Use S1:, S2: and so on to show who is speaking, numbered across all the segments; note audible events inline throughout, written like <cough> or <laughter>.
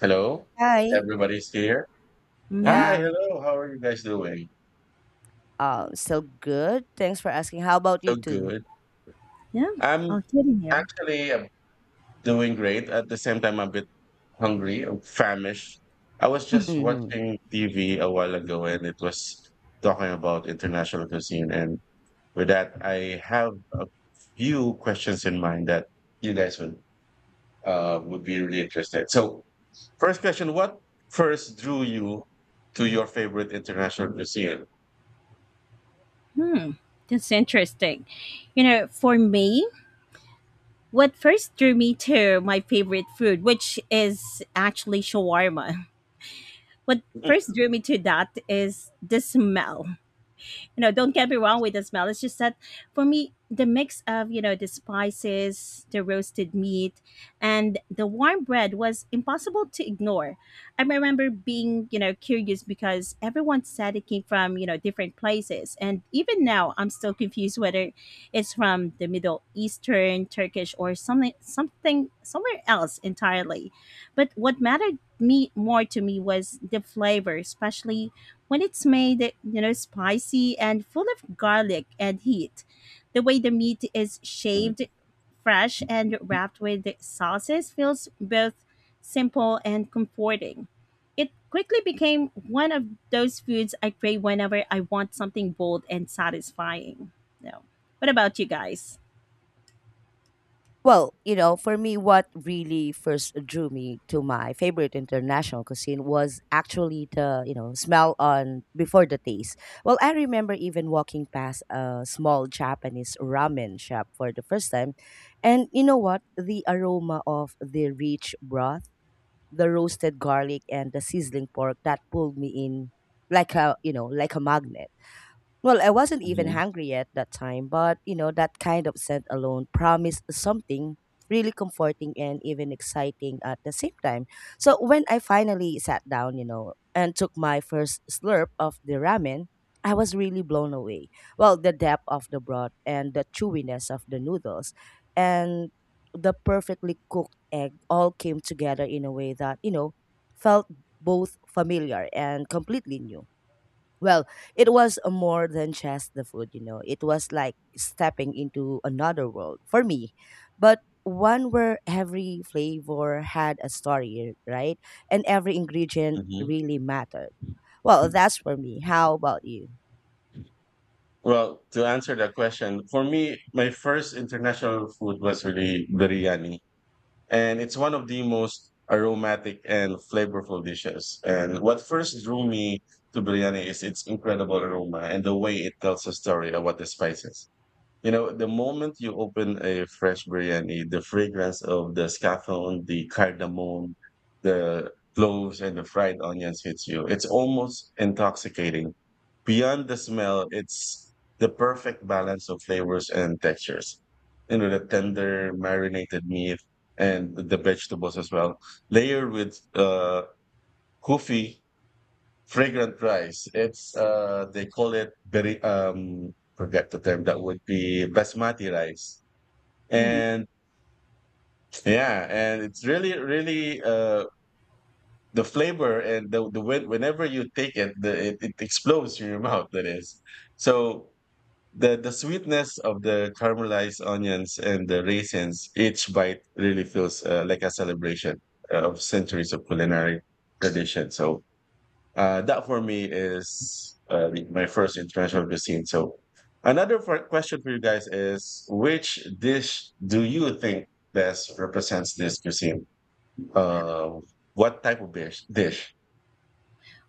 S1: Hello,
S2: Hi.
S1: everybody's here.
S3: Mhm.
S1: Hi,
S2: Yeah.
S1: hello. How are you guys doing?
S2: Still good. Thanks for asking. How about you
S1: So
S2: too?
S1: good.
S3: Yeah,
S1: I'm
S3: all kidding here.
S1: actually doing great. At the same time, I'm a bit hungry, I'm famished. I was just
S2: Mm-hmm.
S1: watching TV a while ago, and it was talking about international cuisine. And with that, I have a few questions in mind that you guys would be really interested. So, first question: What first drew you to your favorite international cuisine?
S3: Hmm. That's interesting. You know, for me, what first drew me to my favorite food, which is actually shawarma. <laughs> What first drew me to that is the smell. You know, don't get me wrong with the smell. It's just that for me, the mix of, you know, the spices, the roasted meat, and the warm bread was impossible to ignore. I remember being, you know, curious because everyone said it came from, you know, different places. And even now, I'm still confused whether it's from the Middle Eastern, Turkish, or somewhere else entirely. But what mattered me more to me was the flavor, especially when it's made, you know, spicy and full of garlic and heat. The way the meat is
S1: Mhm.
S3: shaved, fresh, and wrapped with sauces feels both simple and comforting. It quickly became one of those foods I crave whenever I want something bold and satisfying. No. What about you guys?
S2: Well, you know, for me, what really first drew me to my favorite international cuisine was actually the, you know, smell on before the taste. Well, I remember even walking past a small Japanese ramen shop for the first time. And you know what? The aroma of the rich broth, the roasted garlic, and the sizzling pork that pulled me in like a, you know, like a magnet. Well, I wasn't even
S1: Mhm.
S2: hungry at that time, but you know, that kind of scent alone promised something really comforting and even exciting at the same time. So when I finally sat down, you know, and took my first slurp of the ramen, I was really blown away. Well, the depth of the broth and the chewiness of the noodles and the perfectly cooked egg all came together in a way that, you know, felt both familiar and completely new. Well, it was more than just the food, you know. It was like stepping into another world for me. But one where every flavor had a story, right? And every ingredient really mattered. Well,
S1: Mhm.
S2: that's for me. How about you?
S1: Well, to answer that question, for me, my first international food was really biryani. And it's one of the most aromatic and flavorful dishes. And what first drew me to biryani is its incredible aroma and the way it tells a story about the spices. You know, the moment you open a fresh biryani, the fragrance of the scaffold, the cardamom, the cloves, and the fried onions hits you. It's almost intoxicating. Beyond the smell, it's the perfect balance of flavors and textures. You know, the tender marinated meat and the vegetables as well, layered with kufi fragrant rice. It's uh, they call it very um, forget the term that would be basmati rice. And yeah, and it's really really uh, the flavor and whenever you take it, it explodes in your <laughs> mouth that is. So the sweetness of the caramelized onions and the raisins, each bite really feels like a celebration of centuries of culinary tradition. So that for me is my first international cuisine. So another question for you guys is which dish do you think best represents this cuisine? Um, what type of dish? Dish.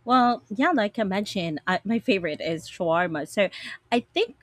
S3: Well, yeah, like I mentioned, I, my favorite is shawarma. So I think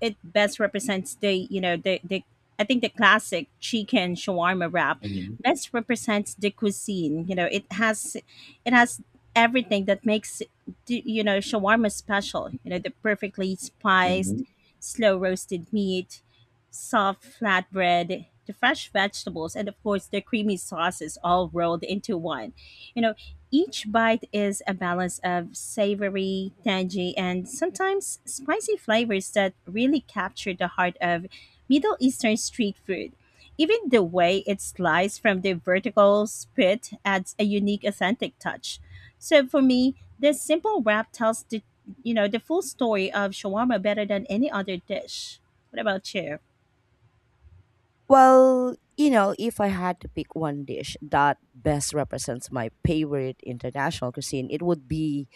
S3: it best represents the I think the classic chicken shawarma wrap
S1: Hmm.
S3: best represents the cuisine. You know, it has everything that makes you know shawarma special. You know, the perfectly spiced,
S1: Hmm.
S3: slow roasted meat, soft flatbread, the fresh vegetables, and of course the creamy sauces all rolled into one. You know, each bite is a balance of savory, tangy, and sometimes spicy flavors that really capture the heart of Middle Eastern street food. Even the way it's sliced from the vertical spit adds a unique authentic touch. So for me, this simple wrap tells the the full story of shawarma better than any other dish. What about you?
S2: Well, you know, if I had to pick one dish that best represents my favorite international cuisine, it would be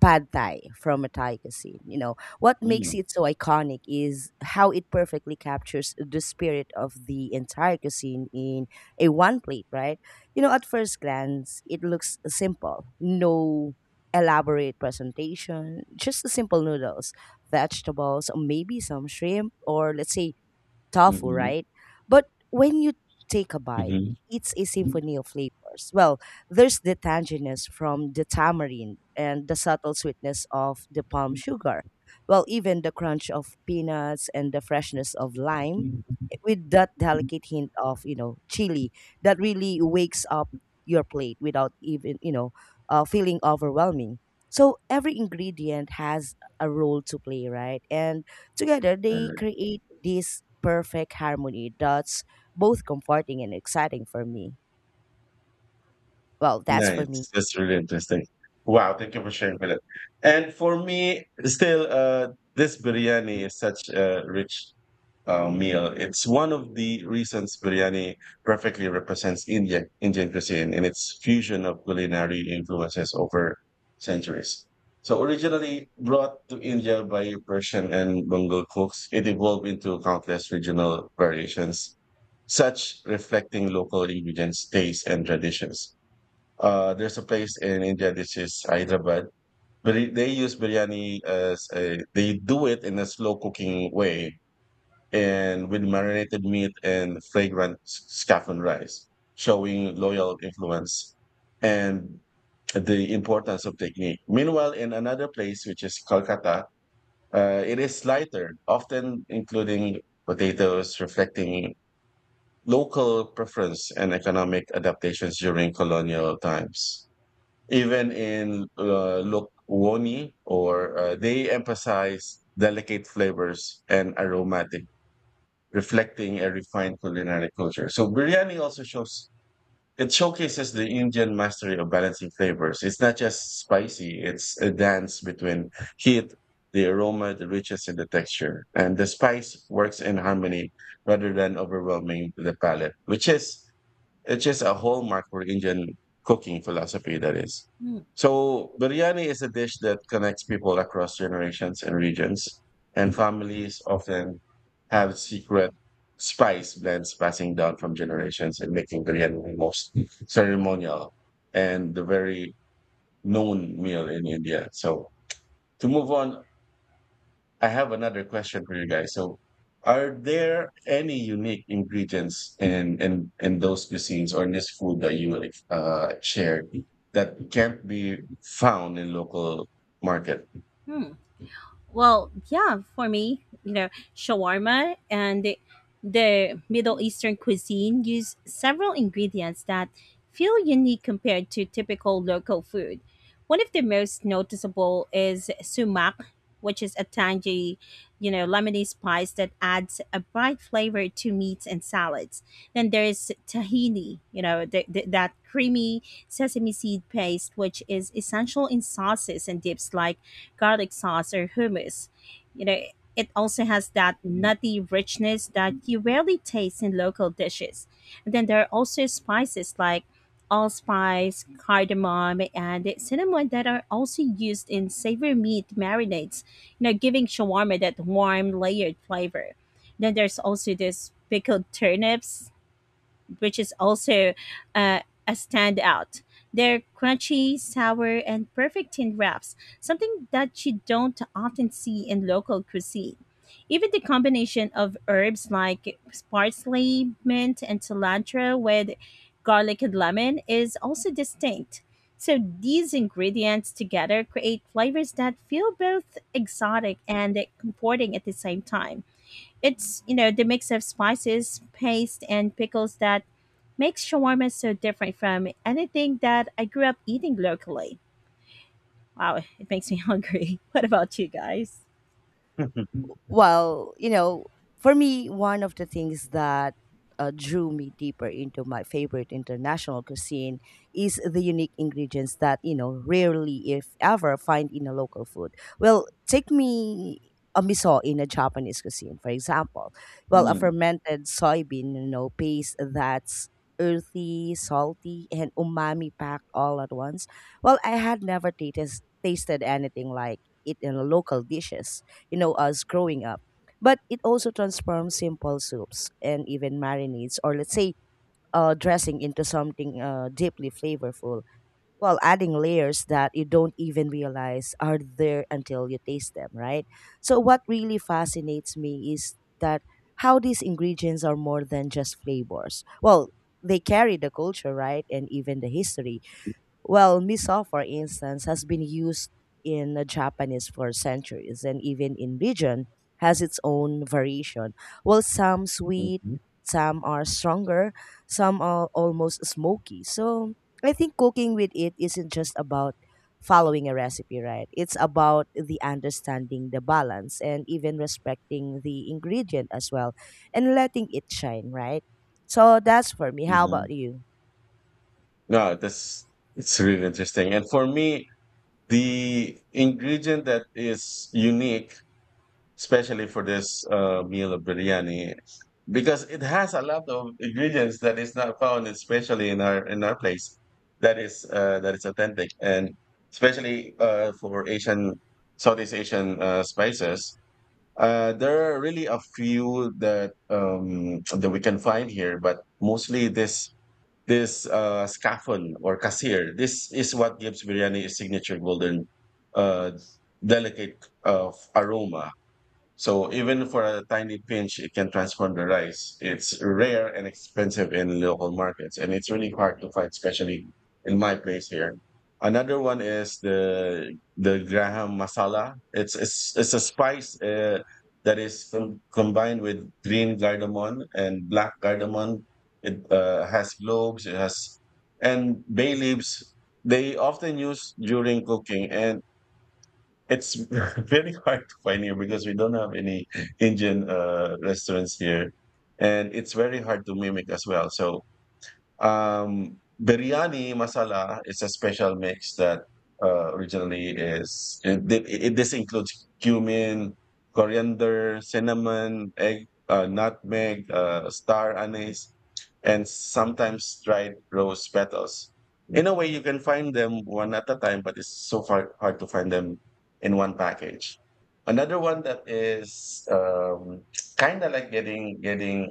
S2: pad thai from a Thai cuisine. You know, what makes it so iconic is how it perfectly captures the spirit of the entire cuisine in a one plate, right? You know, at first glance, it looks simple. No elaborate presentation, just the simple noodles, vegetables, maybe some shrimp, or let's say tofu,
S1: Hmm.
S2: right? But when you take a bite,
S1: Hmm.
S2: it's a symphony of flavors. Well, there's the tanginess from the tamarind and the subtle sweetness of the palm sugar. Well, even the crunch of peanuts and the freshness of lime with that delicate hint of, you know, chili that really wakes up your plate without even, you know, feeling overwhelming. So every ingredient has a role to play, right? And together they
S1: Uh.
S2: create this perfect harmony that's both comforting and exciting for me. Well, that's for
S1: Nice.
S2: me.
S1: That's really interesting. Wow, thank you for sharing with it. And for me, still, this biryani is such a rich meal. It's one of the reasons biryani perfectly represents Indian cuisine in its fusion of culinary influences over centuries. So originally brought to India by Persian and Bengal cooks, it evolved into countless regional variations, such reflecting local ingredients, tastes, and traditions. There's a place in India, this is Hyderabad, but they use biryani as a, they do it in a slow cooking way and with marinated meat and fragrant saffron rice, showing loyal influence and the importance of technique. Meanwhile, in another place, which is Kolkata, it is lighter, often including potatoes, reflecting local preference and economic adaptations during colonial times. Even in Lokoni, or they emphasize delicate flavors and aromatic reflecting a refined culinary culture. So biryani also shows it showcases the Indian mastery of balancing flavors. It's not just spicy; it's a dance between heat, the aroma, the richness, and the texture. And the spice works in harmony rather than overwhelming the palate, which is it's just a hallmark for Indian cooking philosophy, that is.
S3: Hmm.
S1: So, biryani is a dish that connects people across generations and regions, and families often have secret spice blends passing down from generations and making biryani the most ceremonial and the very known meal in India. So, to move on, I have another question for you guys. So, are there any unique ingredients in those cuisines or in this food that you like, shared, that can't be found in local market?
S3: Well, yeah, for me, you know, shawarma and the Middle Eastern cuisine use several ingredients that feel unique compared to typical local food. One of the most noticeable is sumac, which is a tangy, you know, lemony spice that adds a bright flavor to meats and salads. Then there's tahini, you know, that creamy sesame seed paste, which is essential in sauces and dips like garlic sauce, or hummus. You know, it also has that nutty richness that you rarely taste in local dishes. And then there are also spices like allspice, cardamom, and cinnamon that are also used in savory meat marinades, you know, giving shawarma that warm, layered flavor. Then there's also this pickled turnips, which is also uh, a standout. They're crunchy, sour, and perfect in wraps, something that you don't often see in local cuisine. Even the combination of herbs like parsley, mint, and cilantro with garlic and lemon is also distinct. So these ingredients together create flavors that feel both exotic and comforting at the same time. It's, you know, the mix of spices, paste, and pickles that makes shawarma so different from anything that I grew up eating locally. Wow, it makes me <laughs> hungry. What about you guys?
S1: <laughs>
S2: Well, you know, for me, one of the things that drew me deeper into my favorite international cuisine is the unique ingredients that, you know, rarely, if ever, find in a local food. Well, take me a miso in a Japanese cuisine, for example. Well, a
S1: Mm.
S2: fermented soybean, you know, paste that's earthy, salty, and umami packed all at once. Well, I had never tasted anything like it in local dishes, you know, us growing up. But it also transforms simple soups and even marinades, or let's say, dressing into something deeply flavorful while adding layers that you don't even realize are there until you taste them, right? So, what really fascinates me is that how these ingredients are more than just flavors. Well, they carry the culture, right? And even the history. Well, miso, for instance, has been used in Japanese for centuries, and even in region has its own variation. Well, some sweet,
S1: Mhm.
S2: some are stronger, some are almost smoky. So I think cooking with it isn't just about following a recipe, right? It's about the understanding the balance and even respecting the ingredient as well, and letting it shine, right? So that's for me. How about
S1: Mhm.
S2: you?
S1: No, that's it's really interesting. And for me, the ingredient that is unique, especially for this meal of biryani, because it has a lot of ingredients that is not found especially in our place that is authentic, and especially for Asian, Southeast Asian spices, there are really a few that that we can find here, but mostly this scaffold or kasir, this is what gives biryani its signature golden, uh, delicate, aroma. So even for a tiny pinch, it can transform the rice. It's rare and expensive in local markets, and it's really hard to find, especially in my place here. Another one is the Graham masala. It's a spice that is combined with green cardamom and black cardamom. It has cloves, it has, and bay leaves. They often use during cooking, and it's <laughs> very hard to find here because we don't have any Indian restaurants here, and it's very hard to mimic as well. So biryani masala is a special mix that originally is it, it, it- this includes cumin, coriander, cinnamon, egg, nutmeg, star anise, and sometimes dried rose petals. In a way, you can find them one at a time, but it's so far hard to find them in one package. Another one that is kind of like getting getting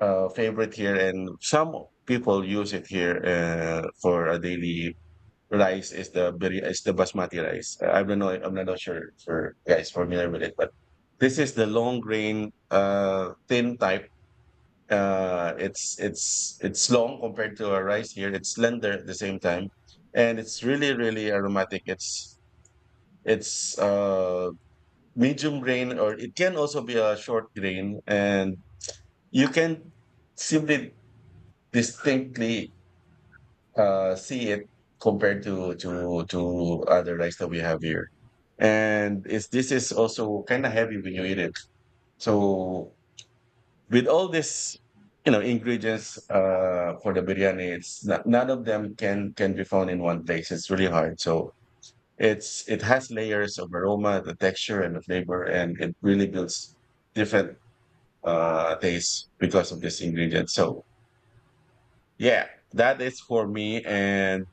S1: uh, favorite here, and some people use it here for a daily rice. Is is the basmati rice? I don't know. I'm not sure for guys familiar with it, but this is the long grain, thin type. It's it's long compared to our rice here. It's slender at the same time, and it's really really aromatic. It's medium grain, or it can also be a short grain, and you can simply distinctly see it compared to other rice that we have here. And it's this is also kind of heavy when you eat it. So with all this, you know, ingredients for the biryani, it's not, none of them can be found in one place. It's really hard. So it's it has layers of aroma, the texture, and the flavor, and it really builds different tastes because of this ingredient. So yeah, that is for me. And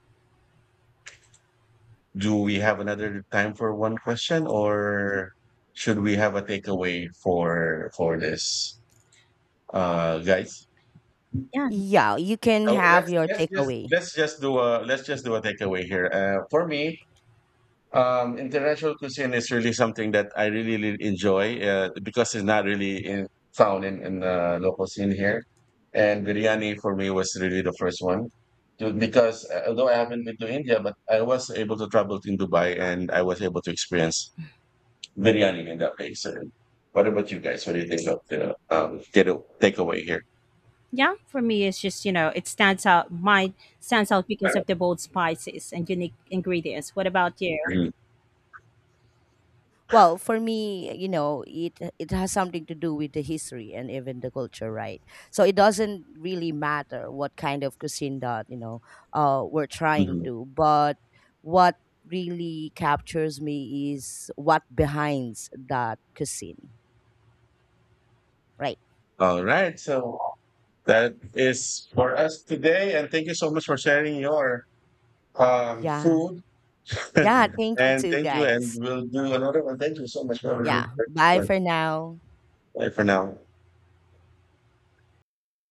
S1: do we have another time for one question, or should we have a takeaway for this guys?
S3: Yeah.
S2: Yeah, you can
S1: So
S2: have your takeaway.
S1: let's just do a let's just do a takeaway here. For me, international cuisine is really something that I really, really enjoy because it's not really found in the local scene here, and biryani for me was really the first one because although I haven't been to India, but I was able to travel in Dubai and I was able to experience biryani in that way. So, what about you guys? What do you think of the get takeaway here?
S3: Yeah, for me it's just, you know, it stands out mine stands out because of the bold spices and unique ingredients. What about you?
S1: Mhm.
S2: Well, for me, you know, it has something to do with the history and even the culture, right? So it doesn't really matter what kind of cuisine that, you know, we're trying
S1: Mhm.
S2: to, but what really captures me is what behinds that cuisine, right?
S1: All right. So that is for us today, and thank you so much for sharing your
S2: Yeah,
S1: food. <laughs>
S2: yeah. Thank you,
S1: And
S2: too,
S1: thank you, and
S2: guys.
S1: we'll do another one. Thank you so much for everyone.
S2: Yeah. Bye for now.
S1: Bye for now.